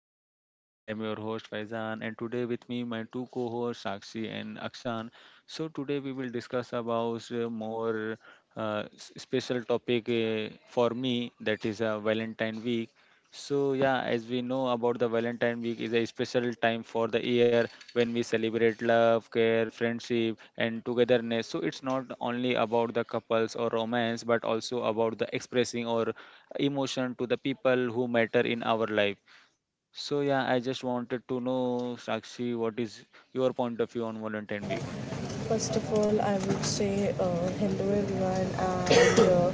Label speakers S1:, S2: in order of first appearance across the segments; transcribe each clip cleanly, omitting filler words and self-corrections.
S1: to my podcast. I am your host Faizan and today with me my two co-hosts Sakshi and Akshan. So today we will discuss about more special topic for me, that is Valentine week. So yeah, as we know about the Valentine week is a special time for the year when we celebrate love, care, friendship and togetherness. So it's not only about the couples or romance but also about the expressing or emotion to the people who matter in our life. So yeah, I just wanted to know, Sakshi, what is your point of view on Valentine Week?
S2: First of all, I would say hello everyone and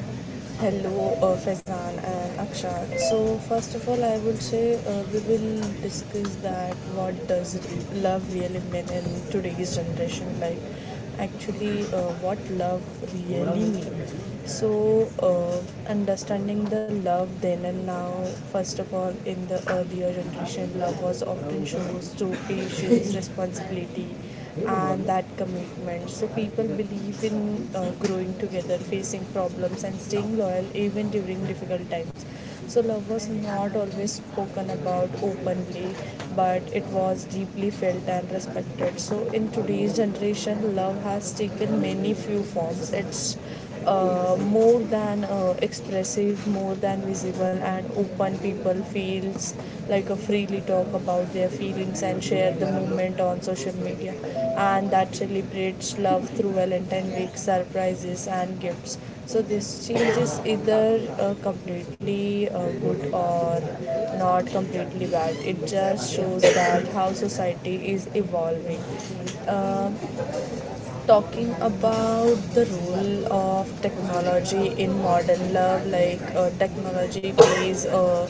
S2: hello Faizan and Akshat. So first of all, I would say we will discuss that what does love really mean in today's generation, like actually what love really means. So, understanding the love then and now, first of all, in the earlier generation, love was often shows to patience, responsibility, and that commitment. So, people believe in growing together, facing problems, and staying loyal even during difficult times. So, love was not always spoken about openly, but it was deeply felt and respected. So, in today's generation, love has taken many few forms. It's more than expressive, more than visible and open. People feels like a freely talk about their feelings and share the movement on social media and that celebrates love through Valentine's week surprises and gifts. So this change is either completely good or not completely bad. It just shows that how society is evolving. um, Talking about the role of technology in modern love, like technology plays a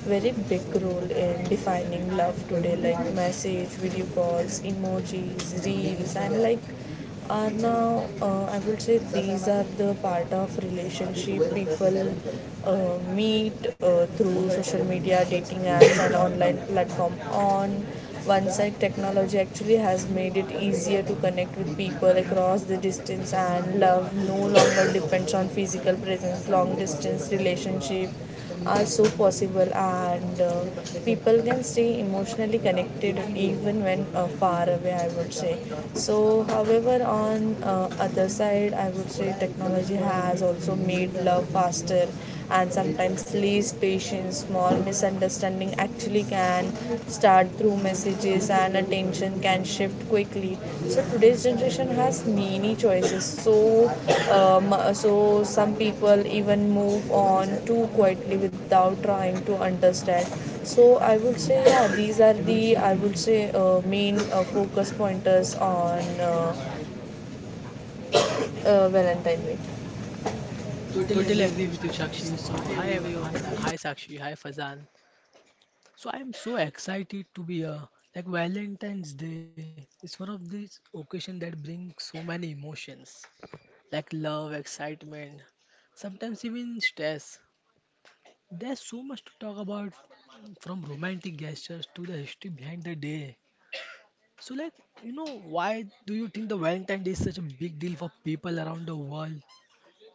S2: very big role in defining love today, like message, video calls, emojis, reels, and like are now I would say these are the part of relationship. People meet through social media, dating apps, and online platform. On one side, technology actually has made it easier to connect with people across the distance, and love no longer depends on physical presence. Long distance relationships are so possible, and people can stay emotionally connected even when far away, I would say. So, however, on other side, I would say technology has also made love faster and sometimes less patience. Small misunderstanding actually can start through messages and attention can shift quickly. So today's generation has many choices. So so some people even move on too quietly without trying to understand. So I would say yeah, these are the I would say main focus pointers on Valentine week.
S3: Totally agree with you, Sakshi. So, hi everyone. Hi, Sakshi. Hi, Fazan. So, I am so excited to be here. Like, Valentine's Day is one of these occasions that bring so many emotions like love, excitement, sometimes even stress. There's so much to talk about from romantic gestures to the history behind the day. So, like, you know, why do you think the Valentine's Day is such a big deal for people around the world?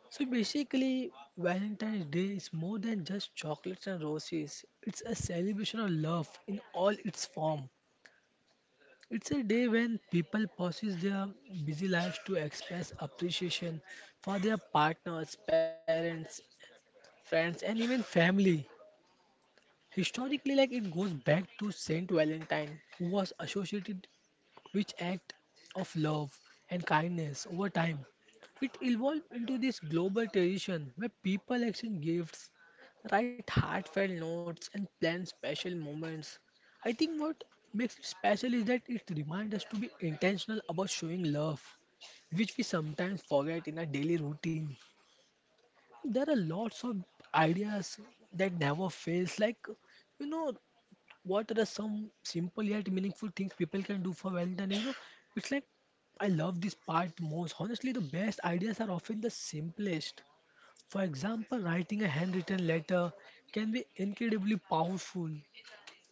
S3: So basically, Valentine's Day is more than just chocolates and roses. It's a celebration of love in all its form. It's a day when people pauses their busy lives to express appreciation for their partners, parents, friends, and even family. Historically, like it goes back to Saint Valentine, who was associated which act of love and kindness over time. It evolved into this global tradition where people exchange gifts, write heartfelt notes, and plan special moments. I think what makes it special is that it reminds us to be intentional about showing love, which we sometimes forget in our daily routine. There are lots of ideas that never fails, like you know, what are the some simple yet meaningful things people can do for wealth and it's like I love this part most. Honestly, the best ideas are often the simplest. For example, writing a handwritten letter can be incredibly powerful.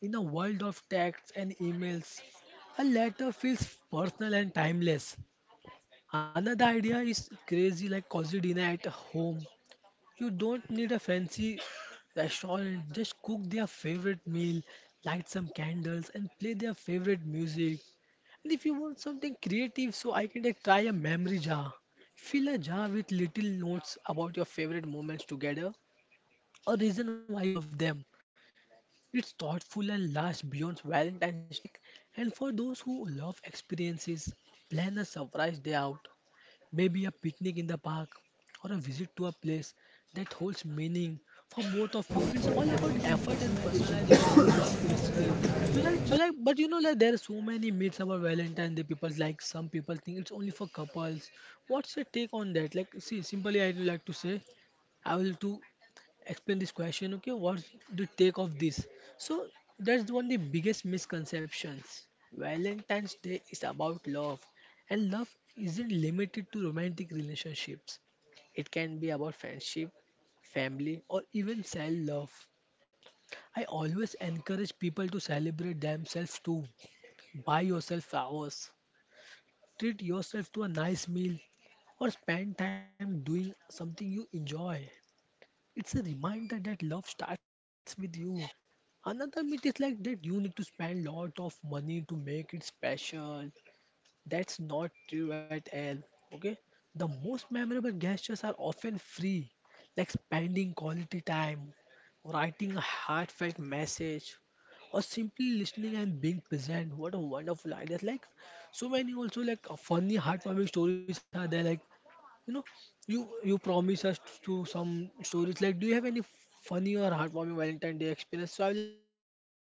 S3: In a world of texts and emails, a letter feels personal and timeless. Another idea is crazy, like cozy dinner at home. You don't need a fancy restaurant, just cook their favorite meal, light some candles, and play their favorite music. And if you want something creative, so I can, like, try a memory jar. Fill a jar with little notes about your favorite moments together or reason why you love them. It's thoughtful and lasts beyond Valentine's Day. Like, and for those who love experiences, plan a surprise day out, maybe a picnic in the park or a visit to a place that holds meaning for both of you. It's all about effort and personalizations. Love is basically, so like, but like, there are so many myths about Valentine day. People like, some people think it's only for couples. What's your take on that? Like, see, simply, I'd like to say, I will to explain this question. Okay, what's the take of this? So that's one of the biggest misconceptions. Valentine's Day is about love, and love isn't limited to romantic relationships. It can be about friendship, family, or even self love. I always encourage people to celebrate themselves too. Buy yourself flowers, treat yourself to a nice meal, or spend time doing something you enjoy. It's a reminder that love starts with you. Another myth is like that you need to spend lot of money to make it special. That's not true at all. Okay? The most memorable gestures are often free, like spending quality time, writing a heartfelt message, or simply listening and being present. What a wonderful idea. Like, so many also like funny heartwarming stories are there, like you know, you promise us to some stories. Like, do you have any funny or heartwarming Valentine Day experience? So I would like to say yes.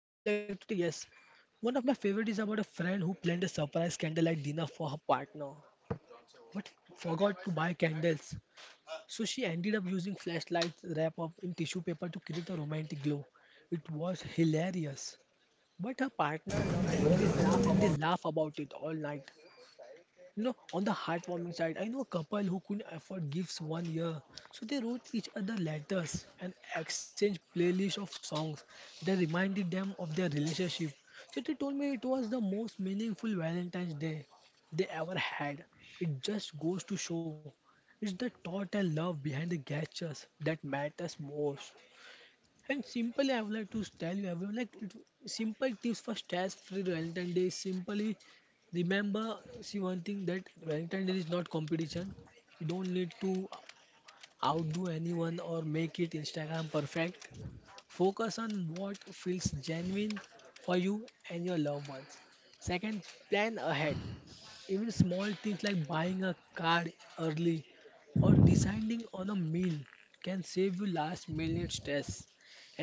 S3: One of my favorite is about a friend who planned a surprise candlelight dinner for her partner, but forgot to buy candles. So she ended up using flashlights wrapped up in tissue paper to create a romantic glow. It was hilarious. But her partner loved the effort and they laugh about it all night. You know, on the heartwarming side, I know a couple who couldn't afford gifts one year, so they wrote each other letters and exchanged playlists of songs that reminded them of their relationship. So they told me it was the most meaningful Valentine's Day they ever had. It just goes to show it's the thought and love behind the gestures that matters most. And simply, I would like to tell you, I would like it, simple tips for stress free Valentine's Day. Simply remember, see, one thing that Valentine's Day is not competition. You don't need to outdo anyone or make it Instagram perfect. Focus on what feels genuine for you and your loved ones. Second, plan ahead. Even small things like buying a car early or deciding on a meal can save you last minute stress.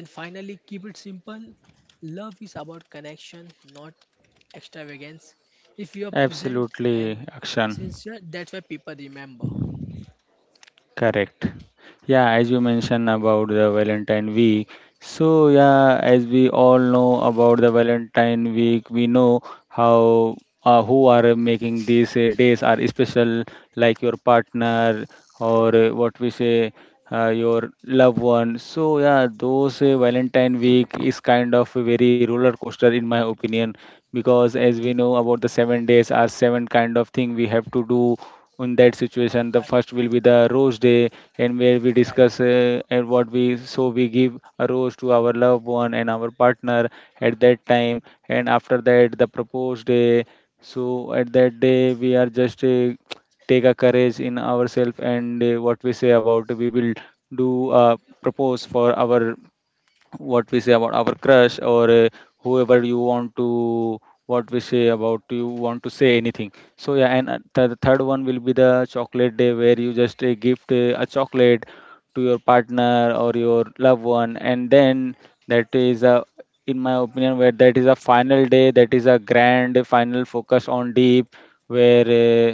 S3: And finally, keep it simple. Love is about connection, not extravagance. If you are present
S1: Absolutely,
S3: and
S1: Akshan.
S3: sincere, that's why people remember.
S1: Correct. Yeah, as you mentioned about the Valentine week. So yeah, as we all know about the Valentine week, we know how, who are making these days are special, like your partner or what we say, your loved one. So yeah, those Valentine week is kind of a very roller coaster in my opinion, because as we know about the 7 days are seven kind of thing we have to do in that situation, the
S3: Right,
S1: first will be the rose day, and where we
S3: right.
S1: discuss and what we, so we give a rose to our loved one and our partner at that time. And after that the propose day, so at that day we are just take a courage in ourselves and what we say about, we will do propose for our, what we say about our crush, or whoever you want to, what we say about, you want to say anything. So yeah, and the third one will be the chocolate day where you just gift a chocolate to your partner or your loved one. And then that is a, in my opinion, where that is a final day, that is a grand final focus on deep, where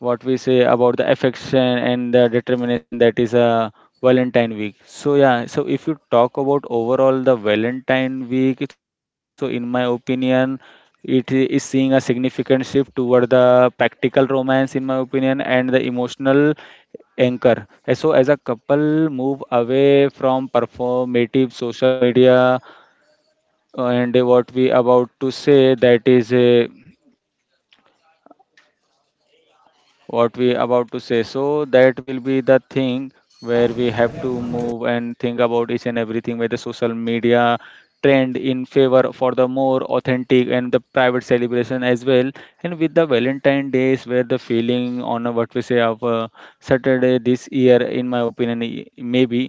S1: what we say about the affection and the determination, that is a valentine week. So yeah, so if you talk about overall the valentine week, so in my opinion is seeing a significant shift toward the practical romance in my opinion and the emotional anchor. So as a couple move away from performative social media, and what we about to say, that is a what we about to say. So that will be the thing where we have to move and think about each and everything, where the social media trend in favor for the more authentic and the private celebration as well. And with the valentine days where the feeling on a, what we say of saturday this year in my opinion, maybe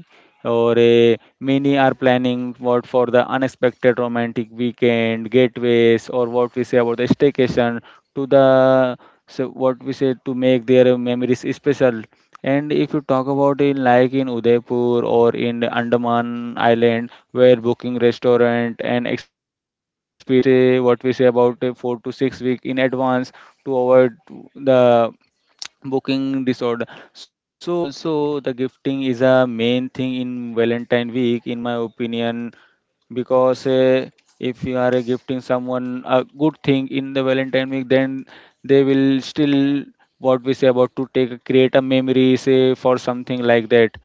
S1: or many are planning what for the unexpected romantic weekend getaways, or what we say about the staycation to the, so what we say to make their memories special. And if you talk about in, like in Udaipur or in the Andaman Island, where booking restaurant and experience at least what we say about 4 to 6 weeks in advance to avoid the booking disorder. So also the gifting is a main thing in valentine week in my opinion, because if you are gifting someone a good thing in the valentine week, then they will still, what we say about, to take create a memory say for something like that.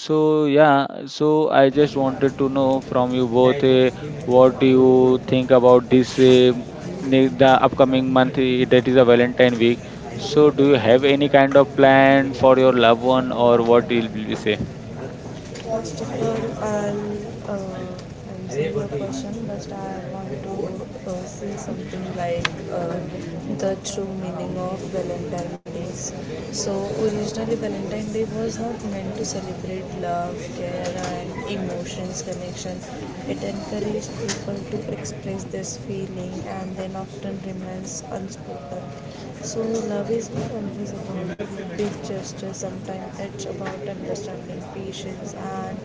S1: So yeah, so I just wanted to know from you both, what do
S2: I will
S1: you think about this the upcoming month, that is a valentine week. So, do you have any kind of plan for your loved one, or what will you say?
S2: sorry for question, but I want to say something like uh, the true meaning of Valentine's Day. So originally, Valentine's Day was not meant to celebrate love, care, and emotions connection. It encouraged people to express this feeling and then often remains unspoken. So, love is not always about big gestures, sometimes it's about understanding, patience, and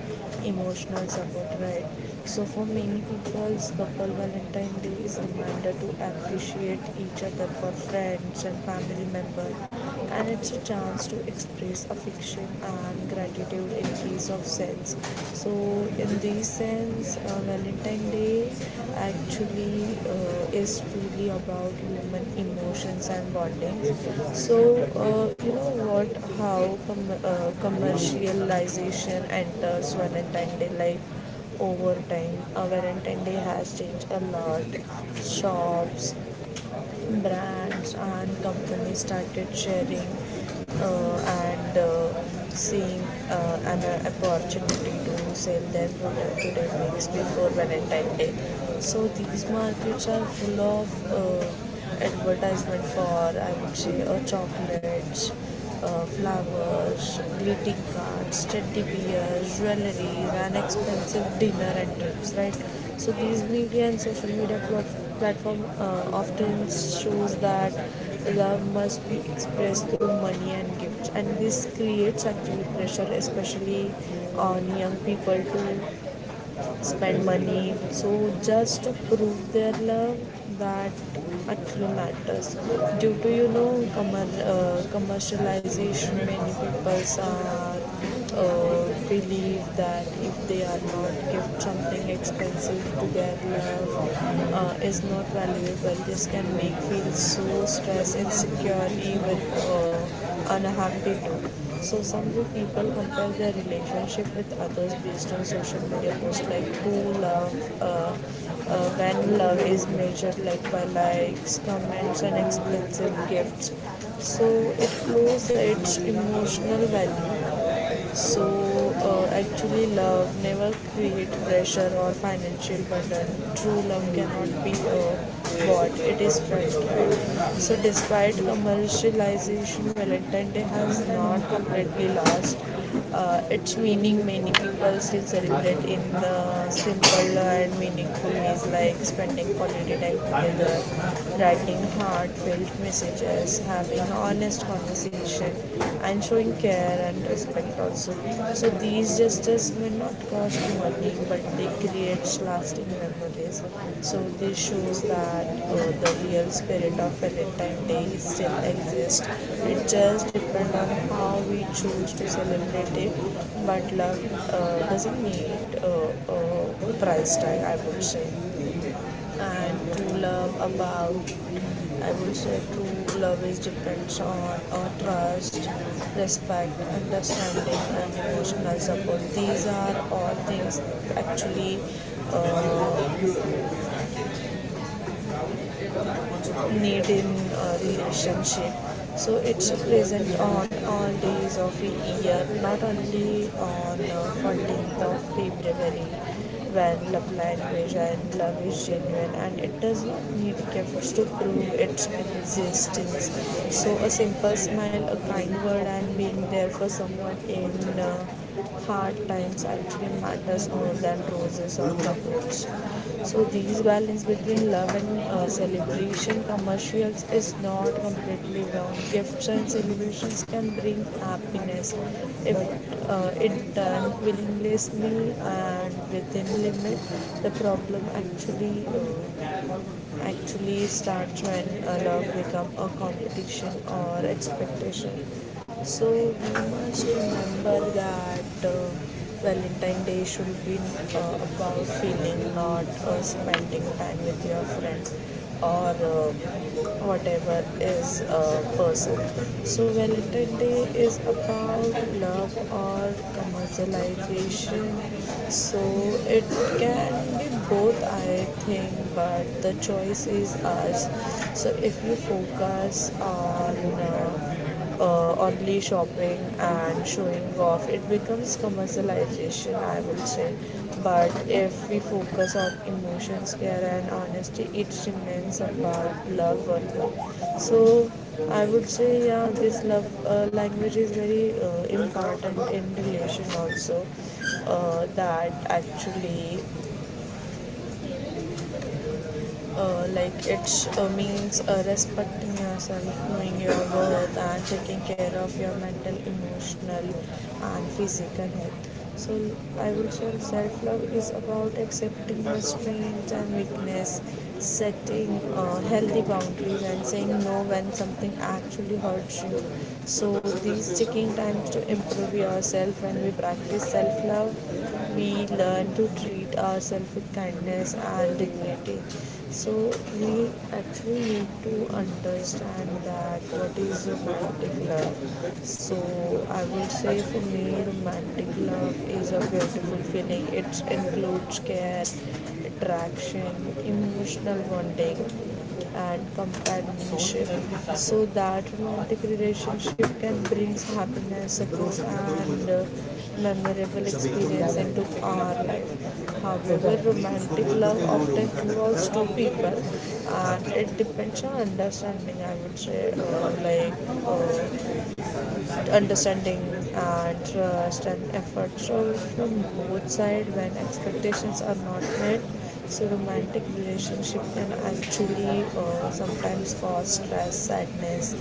S2: emotional support, right? So, for many people's couple, Valentine's Day is a reminder to appreciate each other for friends and family members, and it's a chance to express affection and gratitude in case of sense. So, in this sense, Valentine Day actually is truly about human emotions and bonding. So, you know what, how commercialization enters Valentine's Day life over time. Valentine's Day has changed a lot. Shops, brands and companies started sharing uh, and seeing an opportunity to sell their product to their mix before Valentine's Day. So these markets are full of advertisement for I would say chocolates, flowers, greeting cards, steady beers, jewelry, and expensive dinner and trips, right? So these media and social media platform often shows that love must be expressed through money and gifts, and this creates actually pressure, especially on young people to spend money. So just to prove their love, that actually matters. Due to you know commercialization, many people are believe that if they are not gift something expensive to their love is not valuable. This can make feel so stressed, insecure, even. Unhappy too. So some you people compare their relationship with others based on social media posts like who love, when love is measured like by likes, comments and expensive gifts. So it loses its emotional value. So actually, love never create pressure or financial burden. True love cannot be bought; it is felt. Right? So despite commercialization, Valentine Day has not completely lost its meaning. Many people still celebrate in the simple and meaningful ways like spending quality time together, writing heartfelt messages, having honest conversation, and showing care and respect also. So these gestures may not cost money but they create lasting memories. So this shows that the real spirit of Valentine day days still exist. It just depends on how we choose to celebrate it. But love doesn't need a, a price tag, I would say. And true love about, I would say, true love is depends on trust, respect, understanding, and emotional support. These are all things actually Uh, need in a relationship. So it's present on all days of the year, not only on 14th of February when love language and love is genuine and it does not need efforts to prove its existence. So a simple smile, a kind word and being there for someone in uh, hard times actually matters more than roses or chocolates. So these balance between love and celebration commercials is not completely wrong. Gifts and celebrations can bring happiness if it done willingly and within limit. The problem actually starts when a love becomes a competition or expectation. So we must remember that uh, Valentine Day should be about feeling, not spending time with your friends or whatever is a person. So Valentine's Day is about love or commercialization. So it can be like both I think, but the choice is ours. So if you focus on only shopping and showing off, it becomes commercialization, I would say. But if we focus on emotions, care, and honesty, it remains about love or love. So I would say, yeah, this love language is very important in relation also. That actually like it means respecting yourself, knowing your worth, and taking care of your mental, emotional, and physical health. So I would say self love is about accepting your strengths and weakness, setting healthy boundaries, and saying no when something actually hurts you. So these taking time learn to improve yourself when we practice self love. We learn to treat ourselves with kindness and dignity. So we actually need to understand that what is romantic love. So I would say for me, romantic love is a beautiful feeling. It includes care, attraction, emotional bonding and companionship. So that romantic relationship can bring happiness support and memorable experience into our life. However romantic love often involves two people and it depends on understanding, I would say, understanding and trust and effort shows from both sides when expectations are not met. So romantic relationship can actually sometimes cause stress, sadness,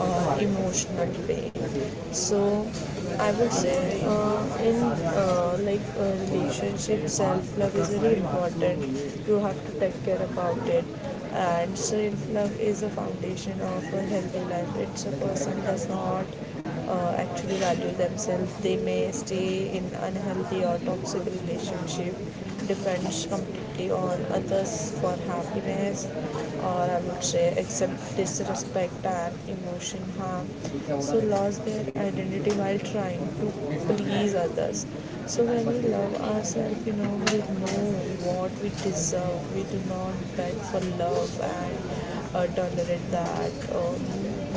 S2: or emotional pain. So I would say in like a relationship self-love is very important. You have to take care about it, and self-love is a foundation of a healthy life. It's a person does not actually value themselves. They may stay in unhealthy or toxic relationship. Depends completely on others for happiness, or I would say accept disrespect and emotion harm. So lost their identity while trying to please others. So when we love ourselves, you know we know what we deserve. We do not beg for love and tolerate that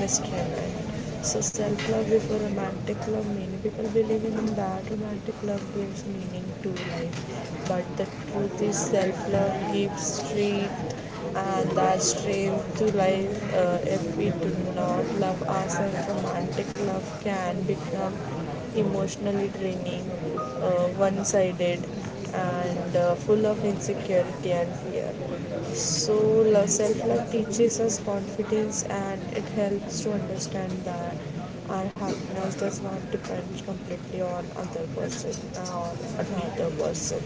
S2: mistreatment. So self love before romantic love. Many people believe in that romantic love gives meaning to life, but the truth is self love gives strength and that strength to life. If we do not love ourselves, romantic love can become emotionally draining, one sided, and full of insecurity and fear. So, self-love teaches us confidence and it helps to understand that our happiness does not depend completely on other person or another person.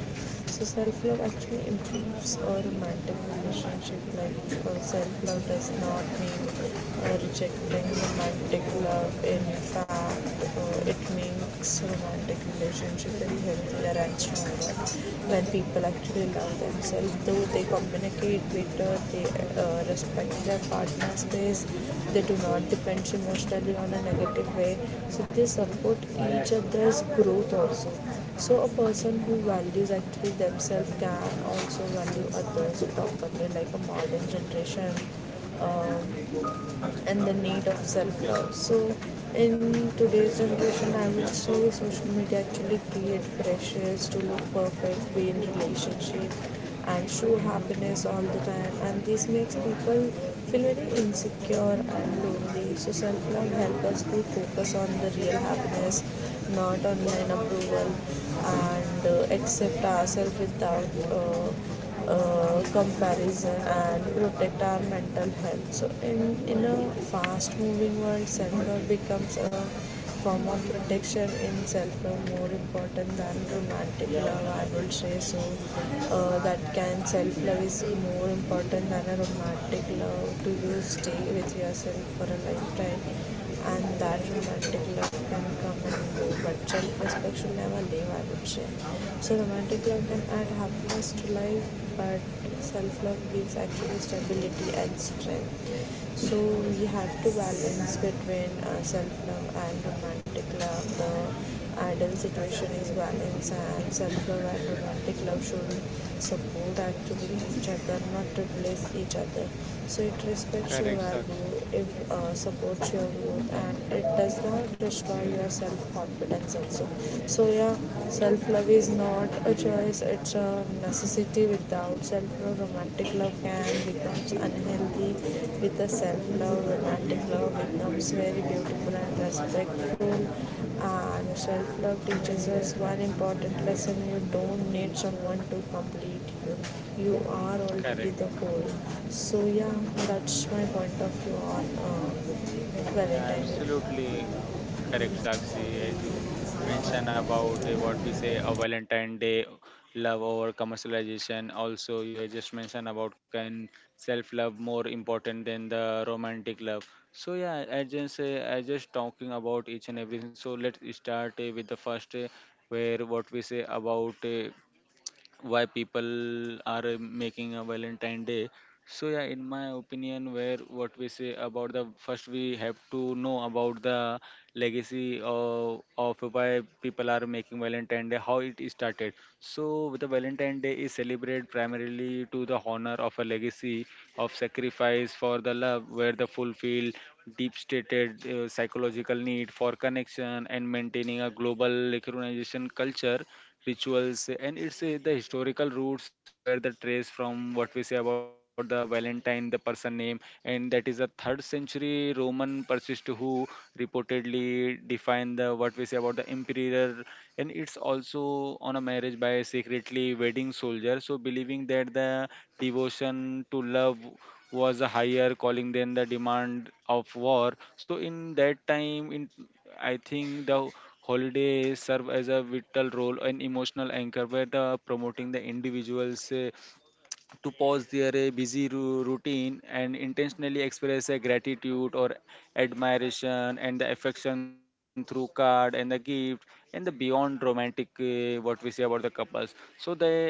S2: So self love actually improves a romantic relationship. Like self love does not mean rejecting romantic love. In fact, it makes romantic relationship very healthier and stronger when people actually love themselves. Though they communicate it better. They respect their partner space. They do not depend emotionally on a negative way. So they support each other's growth also. So a person who values actually themselves can also value others properly, like a modern generation. Um, and the need of self love. So, in today's generation, I would say social media actually create pressures to look perfect, be in relationship, and show happiness all the time. And this makes people feel very insecure and lonely. So, self love helps us to focus on the real happiness, not online approval, and accept ourselves without. Comparison and protect our mental health. So, in a fast moving world, self love becomes a form of protection in self love more important than romantic love, I would say. So, that can self love is more important than a romantic love to you stay with yourself for a lifetime, and that romantic love can come and go, but self-respect should never leave, I would say. So romantic love can add happiness to life, but self-love gives actually stability and strength. So we have to balance between self-love and romantic love. The ideal situation is balance and self-love and romantic love should support actually each other, not replace each other. So it respects your
S1: Correct,
S2: value,
S1: Sakshi.
S2: it supports your growth, and it does not destroy your self confidence also. So yeah, self love
S1: Yes,
S2: is not
S1: go.
S2: a choice; it's a necessity. Without self love, romantic love can become unhealthy empathy, with the self love, romantic love becomes very beautiful and respectful. And self love teaches us one important lesson, you don't need someone to complete you. You are already the
S1: Correct.
S2: whole. So, yeah, that's my point of view on
S1: Yeah,
S2: Valentine.
S1: absolutely correct, Sakshi. As you mentioned about what we say, a Valentine Day love over commercialization. Also, you had just mentioned about, can self-love more important than the romantic love. So yeah, I just talking about each and everything. So let's start with the first, where what we say about, why people are making a valentine day. So yeah, in my opinion, where what we say about, the first we have to know about the legacy of why people are making valentine day, how it is started. So the valentine day is celebrated primarily to the honor of a legacy of sacrifice for the love, where the fulfill deep stated psychological need for connection and maintaining a global recognition culture rituals, and it's the historical roots, where the trace from, what we say about the valentine, the person name, and that is a third century roman persist who reportedly defined the, what we say about the emperor, and it's also on a marriage by a secretly wedding soldier, so believing that the devotion to love was a higher calling than the demand of war. So in that time, in I think, the holidays serve as a vital role and emotional anchor by the promoting the individuals' to pause their busy routine and intentionally express a gratitude or admiration and the affection through card and the gift. And the beyond romantic, what we say about the couples, so the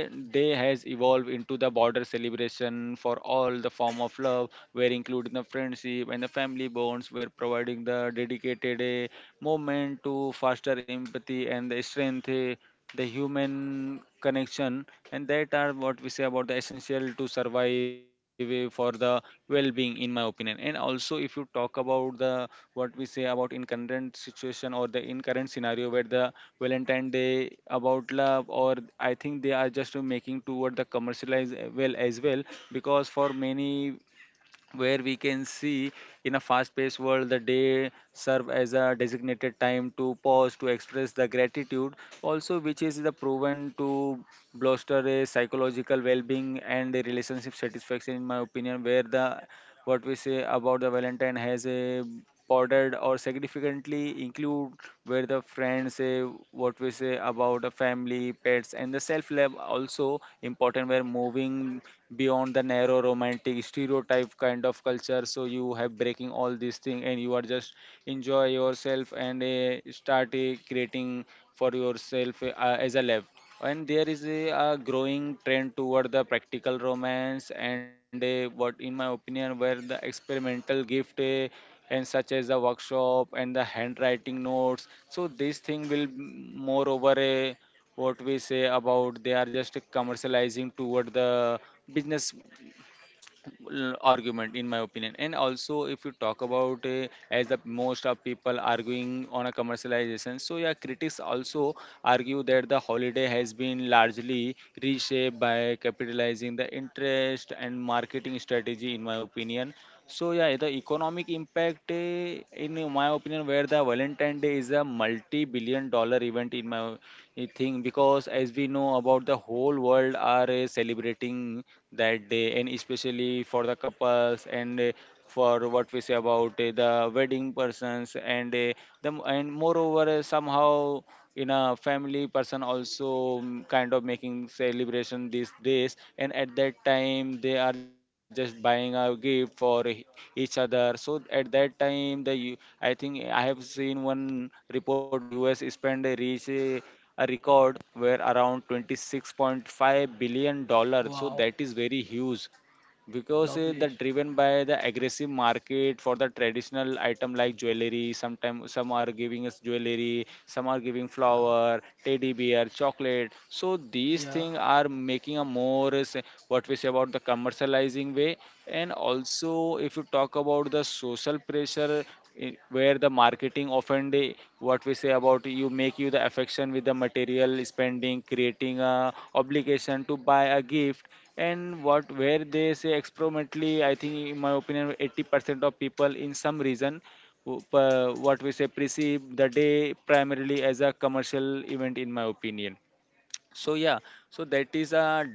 S1: day has evolved into the border celebration for all the form of love, where including the friendship and the family bonds, were providing the dedicated moment to foster empathy and the strength, the human connection, and that are, what we say about, the essential to survive for the well-being in my opinion. And also if you talk about the, what we say about, in current situation or the in current scenario, where the valentine day about love, or I think they are just making toward the commercialize well as well, because for many, where we can see, in a fast-paced world the day serve as a designated time to pause to express the gratitude also, which is the proven to bolster a psychological well-being and a relationship satisfaction in my opinion, where the what we say about the valentine has a bordered or significantly include, where the friends say, what we say about the family pets and the self love also important, where moving beyond the narrow romantic stereotype kind of culture. So you have breaking all these things and you are just enjoy yourself and start creating for yourself as a love. And there is a growing trend toward the practical romance and a, what in my opinion, where the experimental gift and such as the workshop and the handwriting notes. So this thing will moreover a, what we say about, they are just commercializing toward the business argument in my opinion. And also if you talk about, as the most of people arguing on a commercialization, so yeah, critics also argue that the holiday has been largely reshaped by capitalizing the interest and marketing strategy in my opinion. So yeah, the economic impact in my opinion, where the valentine day is a multi billion dollar event in my a thing, because as we know about the whole world are celebrating that day, and especially for the couples and for what we say about the wedding persons and the, and moreover somehow in a family person also, mm, kind of making celebration these days, and at that time they are just buying a gift for each other. So at that time the I think I have seen one report where the US spent a reach a record where around 26.5 billion dollars. So
S3: Wow,
S1: that is very huge, because
S3: lovely.
S1: that driven by the aggressive market for the traditional item like jewelry, sometimes some are giving us jewelry, some are giving
S3: Yeah,
S1: flower, teddy bear, chocolate. So these
S3: yeah,
S1: things are making a more say, what we say about the commercializing way. And also if you talk about the social pressure in, where the marketing often they what we say about, you make you the affection with the material spending, creating a obligation to buy a gift. And what where they say experimentally, I think in my opinion, 80% of people in some reason what we say, perceive the day primarily as a commercial event in my opinion. So yeah, so that is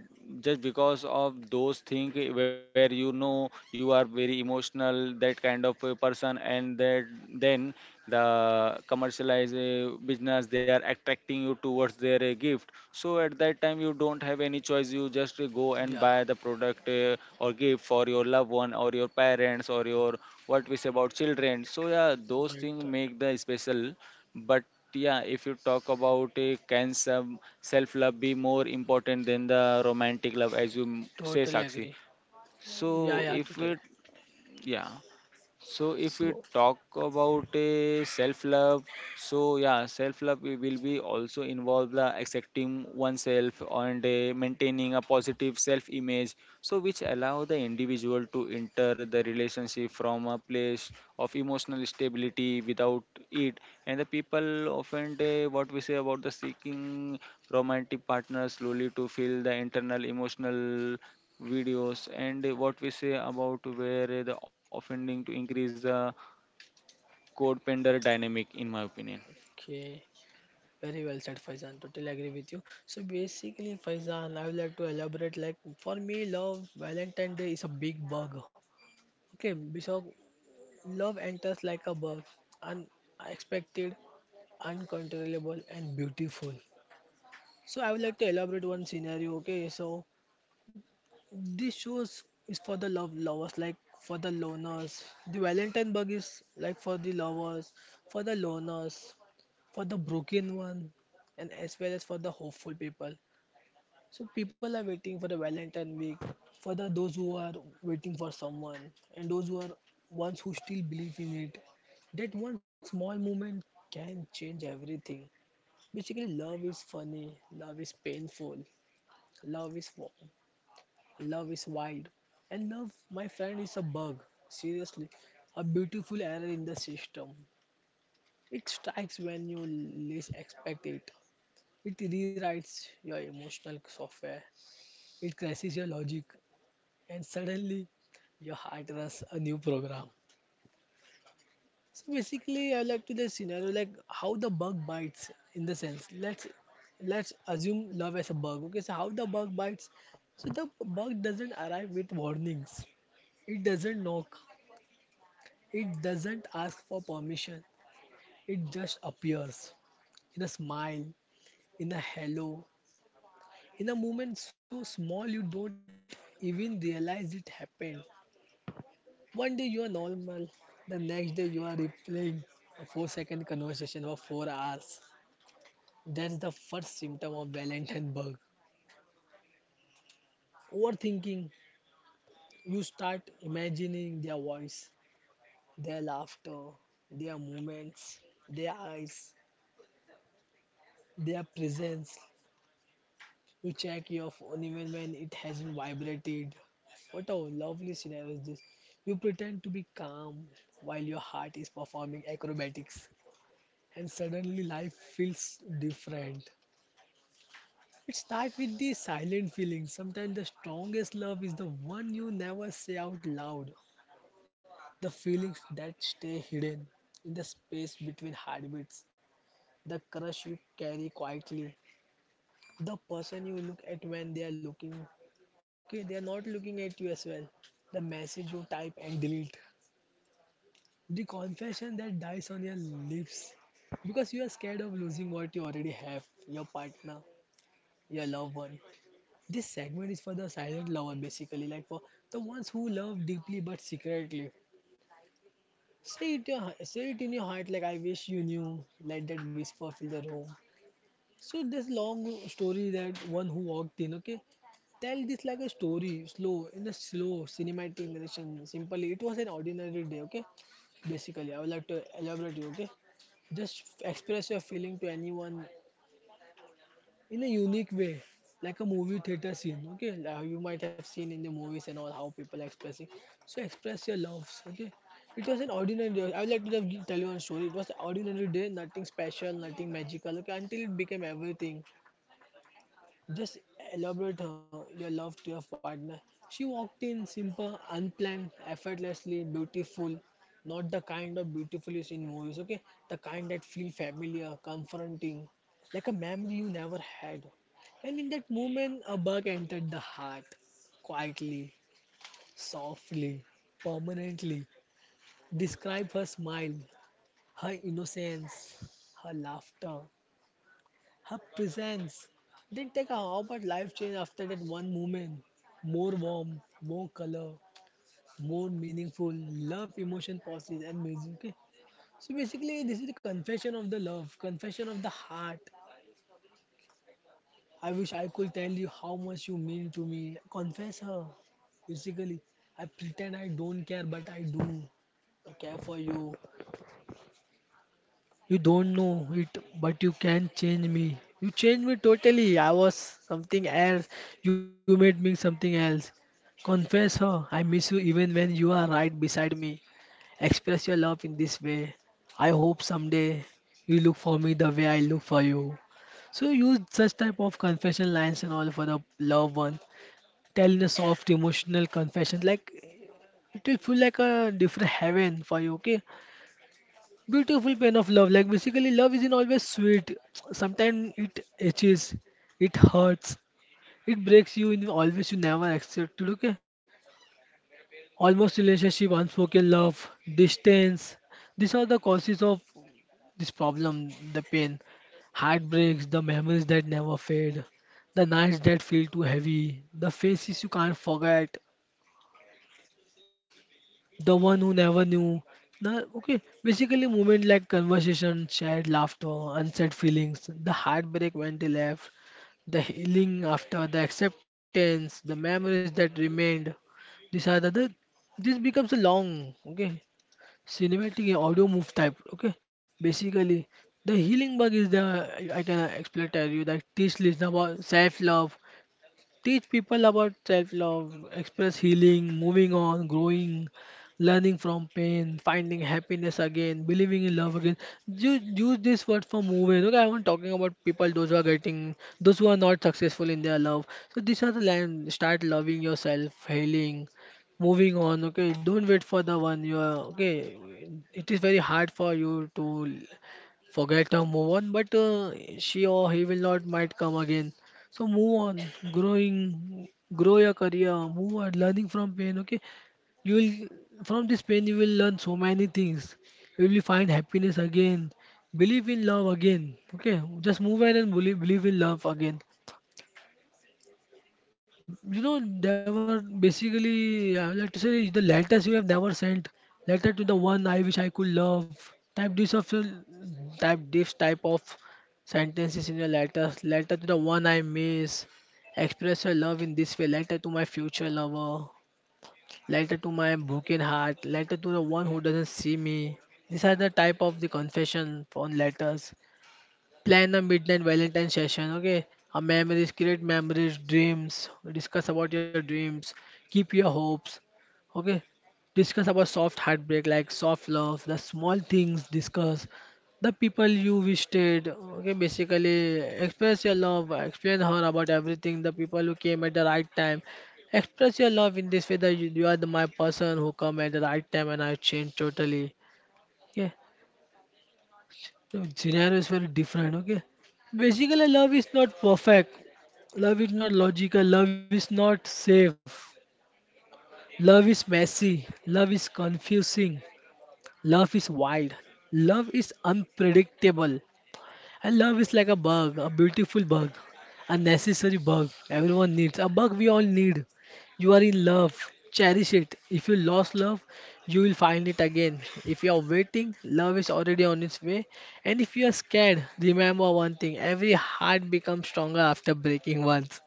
S1: just because of those things, where you know you are very emotional, that kind of a person, and that then the commercialized business they are attracting you towards their gift. So at that time you don't have any choice. You just go and buy
S3: yeah.
S1: the product or gift for your loved one or your parents or your, what we say about, children. So yeah, those things
S3: Right,
S1: make
S3: right.
S1: the special. But yeah, if you talk about can some self love be more important than the romantic love, as you say,
S3: Totally
S1: Sakshi?
S3: agree.
S1: So
S3: Yeah, yeah,
S1: if it,
S3: totally.
S1: yeah, so if we
S3: So,
S1: talk about self love, so yeah, self-love will be also involve the accepting oneself and maintaining a positive self-image, so which allow the individual to enter the relationship from a place of emotional stability without it. And the people often what we say about the seeking romantic partner slowly to fill the internal emotional videos and what we say about where the offending to increase the codependent dynamic in my opinion.
S3: okay. Very well said, Faizan. Totally agree with you. So basically, Faizan, I would like to elaborate. Like, for me, love Valentine Day is a big bug. Okay, because love enters like a bug, unexpected, uncontrollable, and beautiful. So I would like to elaborate one scenario. Okay, so this shows is for the love lovers, like for the loners. The Valentine bug is like for the lovers, for the loners, for the broken one, and as well as for the hopeful people. So people are waiting for the Valentine week, for the those who are waiting for someone, and those who are ones who still believe in it. That one small moment can change everything. Basically, love is funny, love is painful, love is warm, love is wild, and love, my friend, is a bug. Seriously, a beautiful error in the system. It strikes when you least expect it. It rewrites your emotional software. It crashes your logic, and suddenly your heart runs a new program. So basically, I like to the scenario like how the bug bites, in the sense. Let's assume love as a bug. Okay, so how the bug bites? So the bug doesn't arrive with warnings. It doesn't knock. It doesn't ask for permission. It just appears in a smile, in a hello, in a moment so small you don't even realize it happened. One day you are normal, the next day you are replaying a 4-second conversation for 4 hours. That's the first symptom of Valentine bug. Overthinking. You start imagining their voice, their laughter, their movements, their eyes, their presence. You check your phone even when it hasn't vibrated. What a lovely scenario is this. You pretend to be calm while your heart is performing acrobatics, and suddenly life feels different. It starts with the silent feeling. Sometimes the strongest love is the one you never say out loud. The feelings that stay hidden in the space between heartbeats. The crush you carry quietly. The person you look at when they are looking. Okay, they are not looking at you as well. The message you type and delete. The confession that dies on your lips because you are scared of losing what you already have, your partner, your loved one. This segment is for the silent lover, basically, like for the ones who love deeply but secretly. Say it, your, say it in your heart, like, I wish you knew. Let that whisper fill the room. So this long story, that one who walked in, okay, tell this like a story, slow, in a slow cinematic narration. Simply, it was an ordinary day, okay. Basically, I would like to elaborate you, okay. Just express your feeling to anyone in a unique way, like a movie theater scene. Okay, now you might have seen in the movies and all how people are expressing. So express your loves. Okay, it was an ordinary day. I would like to just tell you one story. It was an ordinary day, nothing special, nothing magical. Okay, until it became everything. Just elaborate her, your love to your partner. She walked in simple, unplanned, effortlessly beautiful. Not the kind of beautiful you see in movies, okay? The kind that feel familiar, confronting, like a memory you never had. And in that moment, a bug entered the heart, quietly, softly, permanently. Describe her smile, her innocence, her laughter, her presence, didn't take a hour, but life changed after that one moment. More warm, more color, more meaningful. Love, emotion, pauses, and music. Okay. So basically, this is the confession of the love, confession of the heart. I wish I could tell you how much you mean to me. Confess her. Basically, I pretend I don't care, but I do. I care for you. You don't know it, but you can change me. You changed me totally. I was something else. You made me something else. Confess her, I miss you even when you are right beside me. Express your love in this way. I hope someday you look for me the way I look for you. So use such type of confession lines and all for the loved one. Tell in a soft emotional confession, like, it will feel like a different heaven for you. Okay, beautiful pain of love. Like, basically, love isn't always sweet, sometimes it itches, it hurts, it breaks you in always you never expected. Okay, almost relationship, unspoken love, distance, these are the causes of this problem, the pain, heartbreaks, the memories that never fade, the nights that feel too heavy, the faces you can't forget, the one who never knew. Okay, basically, moment like conversation, shared laughter, unsaid feelings, the heartbreak when they left, the healing after, the acceptance, the memories that remained. These are the, this becomes a long, okay, cinematic audio move type. Okay, basically, the healing bug is the I can explain to you that this list about self love. Teach people about self love, express healing, moving on, growing, learning from pain, finding happiness again, believing in love again. Use this word for moving. Okay, I'm not talking about people those who are getting, those who are not successful in their love. So these are the lines. Start loving yourself, healing, moving on. Okay, don't wait for the one you are. Okay, it is very hard for you to forget her, move on, but she or he will not might come again. So move on, growing, grow your career, move on, learning from pain. Okay, you will from this pain you will learn so many things. You will find happiness again, believe in love again. Okay, just move on and believe, believe in love again. They were basically, I would like to say the letters you have never sent, letter to the one I wish I could love. Type this of type this type of sentences in your letters. Letter to the one I miss. Express your love in this way. Letter to my future lover. Letter to my broken heart. Letter to the one who doesn't see me. These are the type of the confession on letters. Plan a midnight Valentine session. Okay, a memories, create memories, dreams, discuss about your dreams, keep your hopes. Okay, discuss about soft heartbreak like soft love, the small things discuss, the people you visited. Okay, basically express your love, explain her about everything, the people who came at the right time. Express your love in this way that you are the my person who come at the right time and I changed totally. Okay, the scenario is very different, okay? Basically, love is not perfect. Love is not logical. Love is not safe. Love is messy. Love is confusing. Love is wild. Love is unpredictable. And love is like a bug, a beautiful bug, a necessary bug everyone needs, a bug we all need. You are in love, cherish it. If you lost love, you will find it again. If you are waiting, love is already on its way. And if you are scared, remember one thing, every heart becomes stronger after breaking once.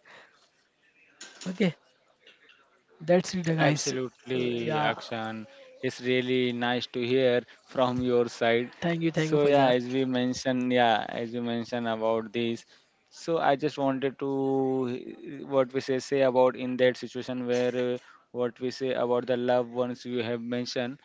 S3: Okay, that's it, guys. Uh,
S1: Absolutely,
S3: yeah,
S1: Akshan. It's really nice to hear from your side. So
S3: thank you,
S1: yeah, as
S3: Faizan.
S1: we mentioned, yeah, as you mentioned about this. So I just wanted to what we say about in that situation where what we say about the loved ones you have mentioned.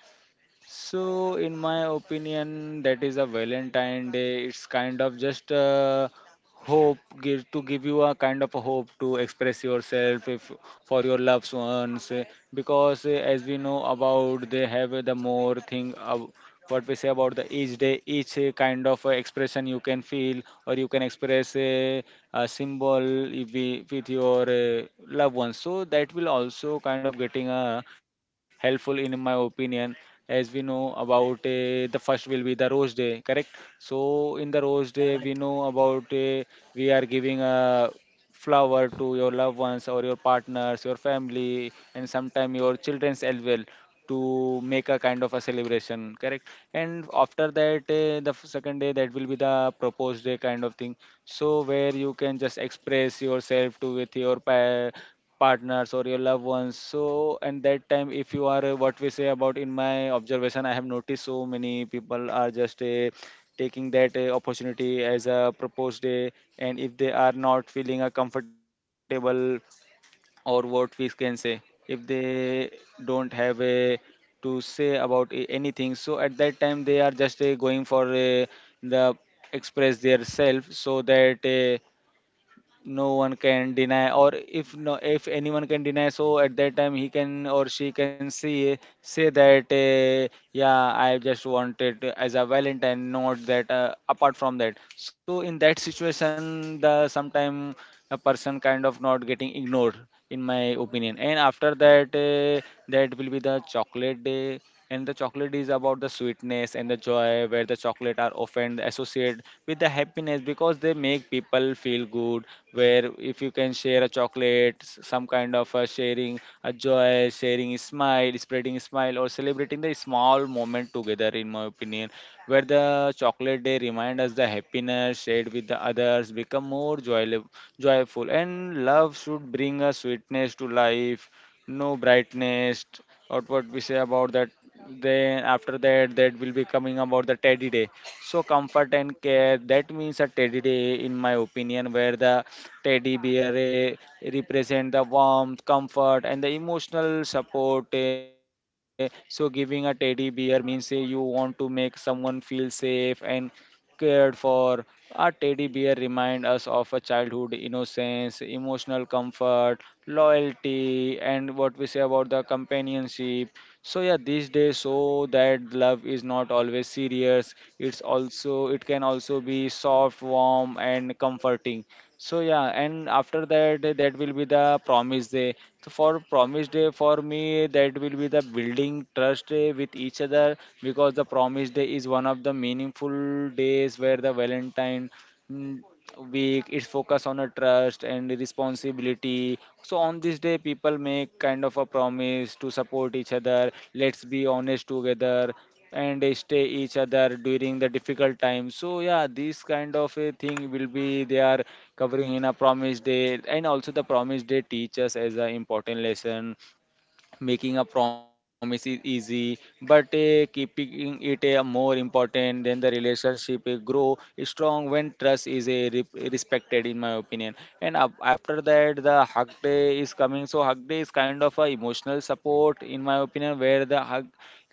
S1: So, in my opinion, that is a Valentine Day. It's kind of just a hope give you a kind of a hope to express yourself if, for your loved ones because as we know about they have the more thing what we say about the each day each kind of expression you can feel or you can express a symbol if we- with your loved ones, so that will also kind of getting helpful in my opinion. As we know about the first will be the rose day, correct? So in the rose day we know about we are giving a flower to your loved ones or your partners, your family, and sometime your children's as well to make a kind of a celebration, correct? And after that the second day, that will be the proposed day kind of thing. So where you can just express yourself to with your partners or your loved ones, so and that time if you are what we say about, in my observation, I have noticed so many people are just taking that opportunity as a proposed day. And if they are not feeling comfortable or what we can say, if they don't have a to say about anything, so at that time they are just going for the express their self, so that no one can deny, or if no if anyone can deny, so at that time he can or she can see say that yeah, I just wanted as a valentine, not that apart from that. So in that situation the sometime a person kind of not getting ignored, in my opinion. And after that that will be the chocolate day. And the chocolate is about the sweetness and the joy, where the chocolate are often associated with the happiness because they make people feel good, where if you can share a chocolate, create some kind of a sharing a joy, sharing a smile, spreading a smile, or celebrating the small moment together, in my opinion, where the chocolate day remind us the happiness shared with the others become more joyful, joyful, and love should bring a sweetness to life, no brightness, or what we say about that. Then after that, that will be coming about the teddy day. So comfort and care, that means a teddy day in my opinion, where the Teddy bear represent the warmth, comfort, and the emotional support. Eh. So giving a teddy bear means you want to make someone feel safe and cared for. A teddy bear remind us of a childhood innocence, emotional comfort, loyalty, and what we say about the companionship. So yeah, these days so that love is not always serious. It can also be soft, warm, and comforting. So yeah, and after that, that will be the promise day. So for promise day, for me, that will be the building trust with each other, because the promise day is one of the meaningful days where the Valentine mm, week is focused on a trust and responsibility. So on this day, people make kind of a promise to support each other. Let's be honest together and they stay each other during the difficult times. So yeah, this kind of a thing will be they are covering in a promise day, and also the promise day teach us as an important lesson. Making a promise is easy, but keeping it a more important than the relationship grow strong when trust is a respected, in my opinion. And after that, the hug day is coming. So hug day is kind of a emotional support, in my opinion, where the hug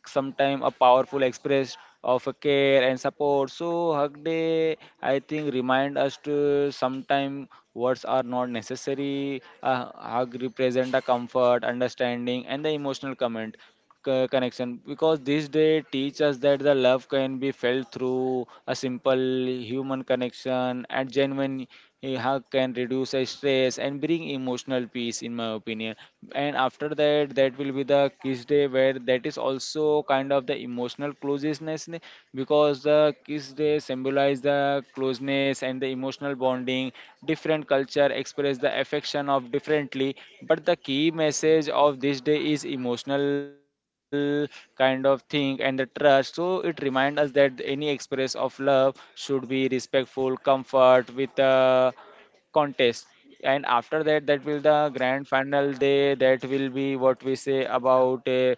S1: sometimes a powerful express of a care and support. So Hug Day, I think, remind us to sometimes words are not necessary. A hug represent a comfort, understanding, and the emotional comment connection, because this day teach us that the love can be felt through a simple human connection and genuine hug can reduce the stress and bring emotional peace, in my opinion. And after that, that will be the kiss day, where that is also kind of the emotional closeness because the kiss day symbolize the closeness and the emotional bonding. Different culture express the affection of differently, but the key message of this day is emotional kind of thing and the trust. So it reminds us that any express of love should be respectful, comfort with contest. And after that, that will the grand final day, that will be what we say about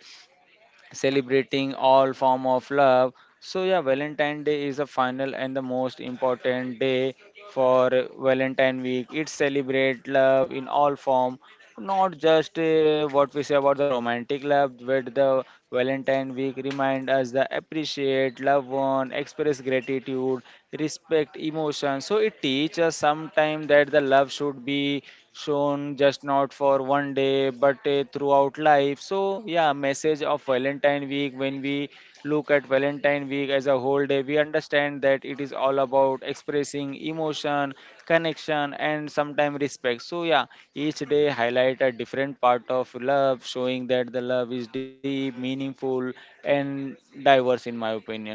S1: celebrating all form of love. So yeah, valentine day is a final and the most important day for valentine week. It celebrate love in all form, not just what we say about the romantic love, but the valentine week remind us that appreciate love one, express gratitude, respect emotion. So it teaches us sometime that the love should be shown just not for one day but throughout life. So yeah, message of Valentine week, when we look at Valentine week as a whole day, we understand that it is all about expressing emotion, connection, and sometimes respect. So, yeah, each day highlight a different part of love, showing that the love is deep, meaningful, and diverse, in my opinion.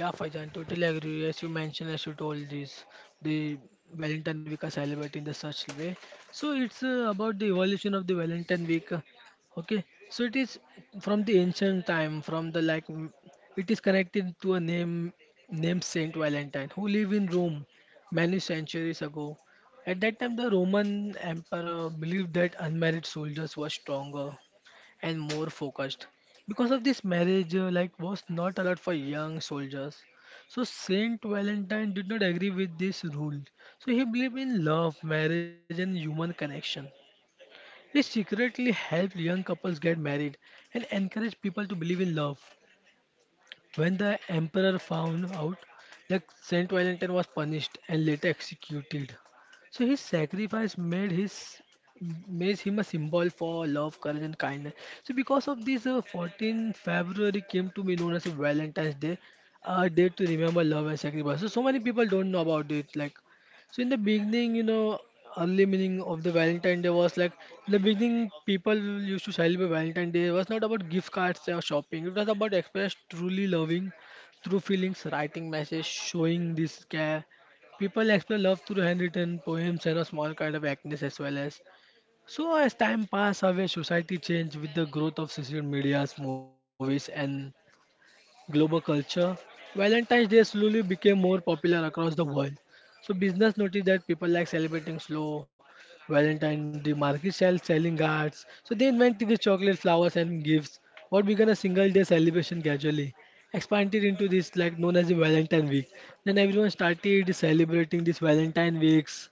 S3: Yeah, Faizan, totally agree. As you mentioned, as you told this, the Valentine week are celebrated in the such way. So it's about the evolution of the Valentine week. Okay, so it is from the ancient time, from the it is connected to a name named Saint Valentine who lived in Rome many centuries ago. At that time, the Roman emperor believed that unmarried soldiers were stronger and more focused. Because of this marriage, like was not allowed for young soldiers. So Saint Valentine did not agree with this rule. So he believed in love, marriage, and human connection. He secretly helped young couples get married and encouraged people to believe in love. When the emperor found out that Saint Valentine was punished and later executed, so his sacrifice made his made him a symbol for love, courage, and kindness. So because of this, 14 February came to be known as a Valentine's Day, a day to remember love and sacrifice. So so many people don't know about it, like so in the beginning, you know, early meaning of the Valentine Day was like in the beginning people used to celebrate Valentine Day. It was not about gift cards or shopping. It was about express truly loving through feelings, writing messages, showing this care. People express love through handwritten poems and a small kind of actions as well as. So as time passed away, society changed with the growth of social medias, movies, and global culture, Valentine's Day slowly became more popular across the world. So business noticed that people like celebrating slow Valentine. The market selling cards. So they invented the chocolate, flowers, and gifts. What began a single day celebration gradually expanded into this like known as the Valentine Week. Then everyone started celebrating this Valentine weeks.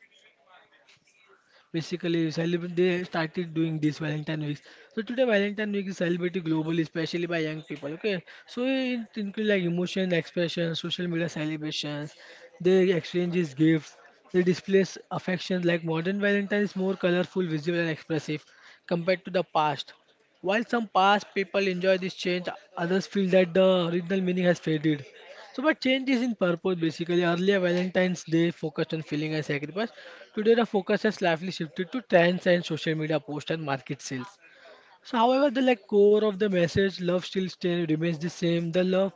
S3: Basically, celebrate, they started doing this Valentine weeks. So today, Valentine week is celebrated globally, especially by young people. Okay, so it includes like emotion expression, social media celebrations, they exchanges gifts, they displays affection. Like modern Valentine is more colorful, visible, and expressive compared to the past. While some past people enjoy this change, others feel that the original meaning has faded. So, but changes in purpose basically? Earlier, Valentine's Day focused on feeling and sacrifice. Today, the focus has slightly shifted to trends and social media posts and market sales. So, however, the like core of the message, love still stay, remains the same. The love,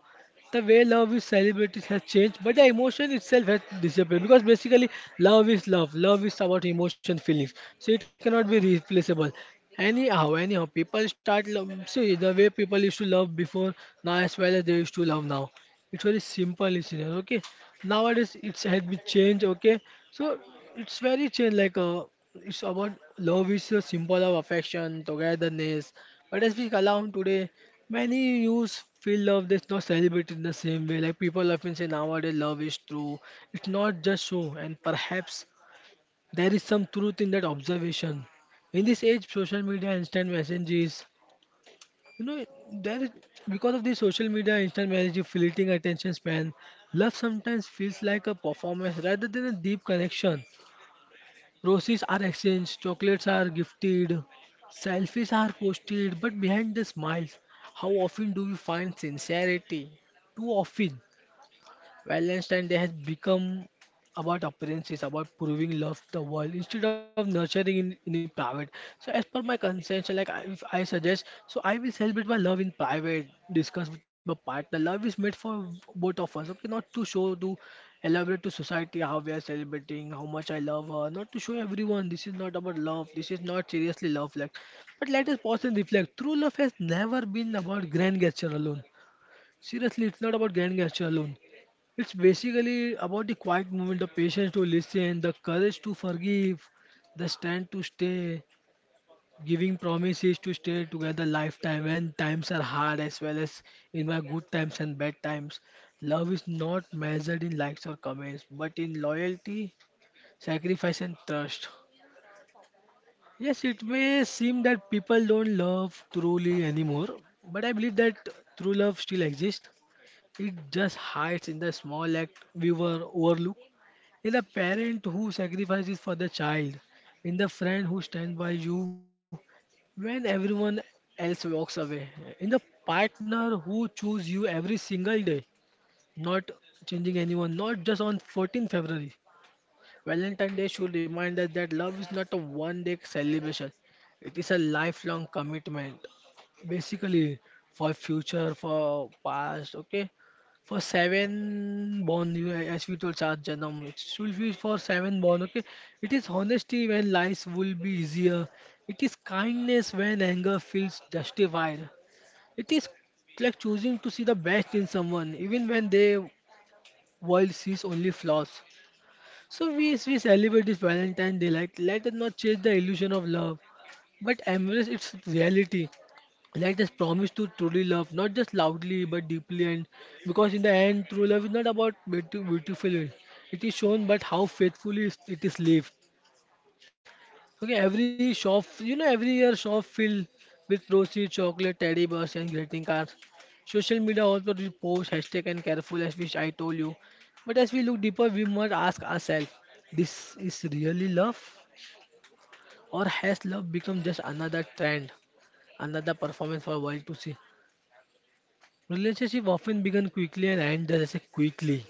S3: the way love is celebrated has changed, but the emotion itself has disappeared because basically, love is love. Love is about emotion, feelings. So, it cannot be replaceable. Anyhow, people start love. See the way people used to love before now as well as they used to love now, it's very simple, listener. Okay, nowadays it's has been changed. Okay, so it's very change like it's about love is a symbol of affection, togetherness, but as we allow today many youths feel love that's not celebrated in the same way, like people often say nowadays love is true, it's not just so, and perhaps there is some truth in that observation. In this age social media instant messages, you know, there is, because of the social media, instant messaging, fleeting attention span, love sometimes feels like a performance rather than a deep connection. Roses are exchanged, chocolates are gifted, selfies are posted, but behind the smiles, how often do you find sincerity? Too often. Valentine's Day has become about appearances, about proving love to the world instead of nurturing in the private. So as per my consent, so like I, if I suggest, so I will celebrate my love in private, discuss with my partner. Love is made for both of us, okay? Not to show to elaborate to society how we are celebrating, how much I love her. Not to show everyone, this is not about love. This is not seriously love, like. But let us pause and reflect. True love has never been about grand gesture alone. Seriously, it's not about grand gesture alone. It's basically about the quiet moment, the patience to listen, the courage to forgive, the stand to stay, giving promises to stay together lifetime when times are hard as well as in my good times and bad times. Love is not measured in likes or comments, but in loyalty, sacrifice and trust. Yes, it may seem that people don't love truly anymore, but I believe that true love still exists. It just hides in the small act we were overlooked, in the parent who sacrifices for the child, in the friend who stands by you when everyone else walks away, in the partner who chooses you every single day, not changing anyone, not just on 14th February. Valentine's Day should remind us that love is not a one day celebration, it is a lifelong commitment. Basically, for future, for past, okay? For 7 born, you as we told Char Janam, it should be for 7 born, okay? It is honesty when lies will be easier. It is kindness when anger feels justified. It is like choosing to see the best in someone, even when their world sees only flaws. So we celebrate this Valentine Day. Like, let us not chase the illusion of love, but embrace its reality. Let us promise to truly love, not just loudly but deeply. And because in the end, true love is not about beautiful, it is shown, but how faithfully it is lived. Okay, every shop, you know, every year shop filled with rosy chocolate, teddy bears, and greeting cards. Social media also reposts hashtag and careful as which I told you. But as we look deeper, we must ask ourselves: this is really love, or has love become just another trend, another performance for world to see? Relationship often begin quickly and end just as quickly.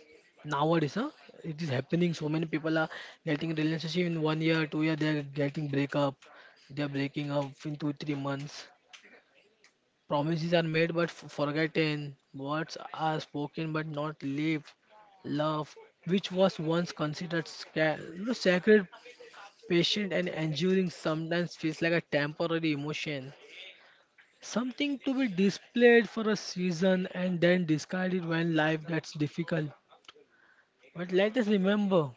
S3: Nowadays, huh? It is happening. So many people are getting relationship in 1 year, 2 year. They are getting breakup. They are breaking up in 2 3 months. Promises are made but forgotten. Words are spoken but not lived. Love, which was once considered sacred, patient and enduring, sometimes feels like a temporary emotion. Something to be displayed for a season and then discarded when life gets difficult. But let us remember,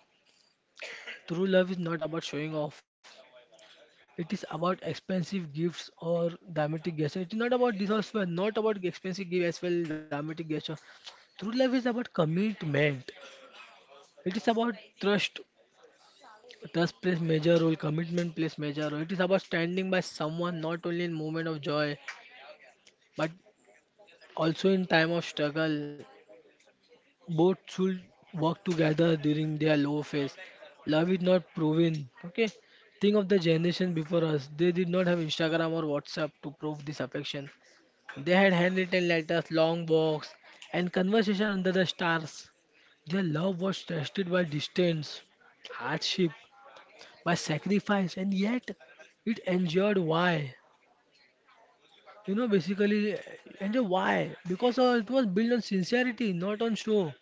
S3: true love is not about showing off. It is about expensive gifts or dramatic gesture. It is not about this as well, not about expensive gift as well, dramatic gesture. True love is about commitment. It is about trust. Trust plays major role, commitment plays major role. It is about standing by someone not only in moment of joy, but also in time of struggle, both should work together during their low phase. Love is not proven. Okay. Think of the generation before us. They did not have Instagram or WhatsApp to prove this affection. They had handwritten letters, long walks, and conversation under the stars. Their love was tested by distance, hardship, by sacrifice, and yet it endured. Why? You know, basically, Endured why? Because it was built on sincerity, not on show.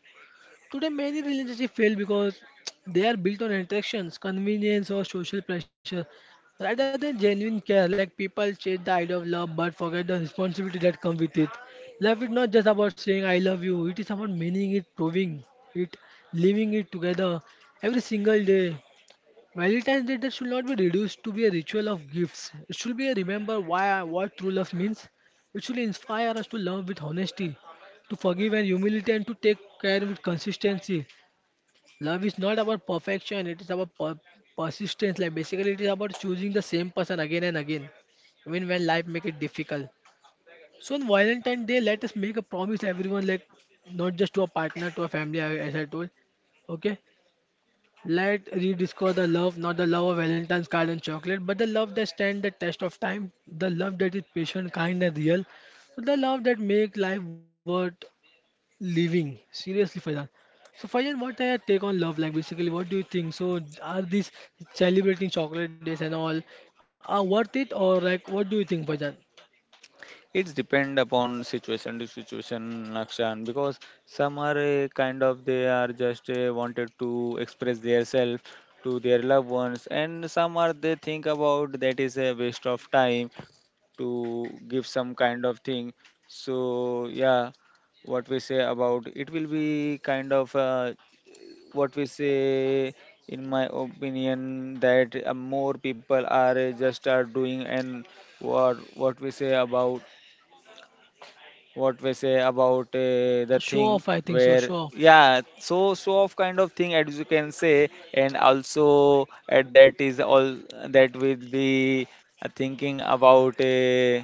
S3: Today, many relationships fail because they are built on interactions, convenience, or social pressure rather than genuine care. Like, people chase the idea of love but forget the responsibility that comes with it. Love is not just about saying I love you, it is about meaning it, proving it, living it together every single day. Valentine's Day should not be reduced to be a ritual of gifts. It should be a remember why what true love means. It should inspire us to love with honesty, to forgive and humility, and to take care with consistency. Love is not about perfection; it is about persistence. Like basically, it is about choosing the same person again and again, even when life make it difficult. So on Valentine's Day, let us make a promise, everyone, like not just to a partner, to a family, as I told. Okay, let rediscover the love, not the love of Valentine's card and chocolate, but the love that stands the test of time, the love that is patient, kind, and real, the love that makes life worth living. Seriously, Faizan. So, Faizan, what are your take on love? Like, basically, what do you think? So, are these celebrating chocolate days and all are worth it, or like, what do you think, Faizan?
S1: It's depend upon situation to situation, Lakshan, because some are kind of they are just wanted to express their self to their loved ones, and some are they think about that is a waste of time to give some kind of thing. So yeah, what we say about it will be kind of what we say in my opinion that more people are just are doing and what we say about the
S3: Show
S1: thing
S3: off, I think so.
S1: where
S3: Show off.
S1: yeah so so of kind of thing as you can say, and also at that is all that will be thinking about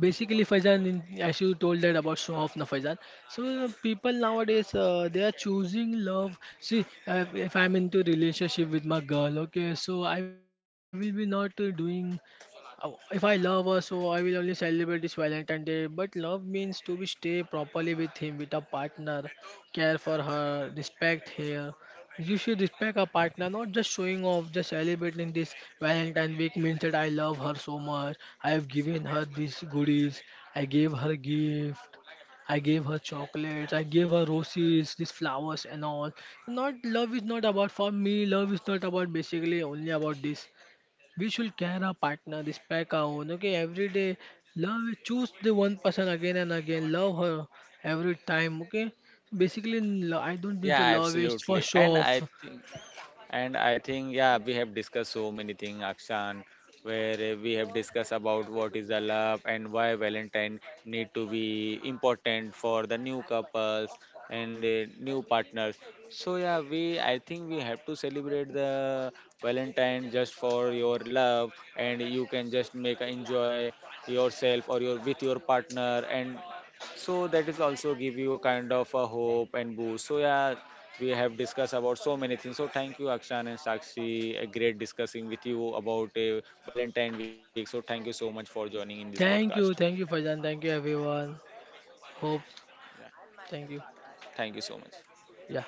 S3: Basically Faizan, in- as you told that about show of na Faizan. So people nowadays they are choosing love. See, if I'm into relationship with my girl, okay, so I will be not doing. Oh, if I love her, so I will only celebrate this Valentine Day. But love means to be stay properly with him, with a partner, care for her, respect her. You should respect a partner, not just showing off, just celebrating this Valentine week means that I love her so much. I have given her these goodies. I gave her gift. I gave her chocolates. I gave her roses, these flowers and all. Not love is not about for me. Love is not about basically only about this. We should care our partner, respect our own. Okay, every day, love choose the one person again and again. Love her every time. Okay, basically, I don't think so
S1: yeah,
S3: love is for
S1: absolutely.
S3: show
S1: And
S3: off.
S1: and I think, yeah, we have discussed so many things, Akshan, where we have discussed about what is the love and why Valentine need to be important for the new couples and new partners. So yeah, we I think we have to celebrate the Valentine just for your love, and you can just make enjoy yourself or your with your partner, and so that is also give you a kind of a hope and boost. So yeah, we have discussed about so many things. So thank you, Akshan and Sakshi. A great discussing with you about Valentine week. So thank you so much for joining in this podcast.
S3: Thank you, Faizan. Thank you, everyone. Hope,
S1: Yeah.
S3: thank you.
S1: Thank you so much.
S3: Yeah.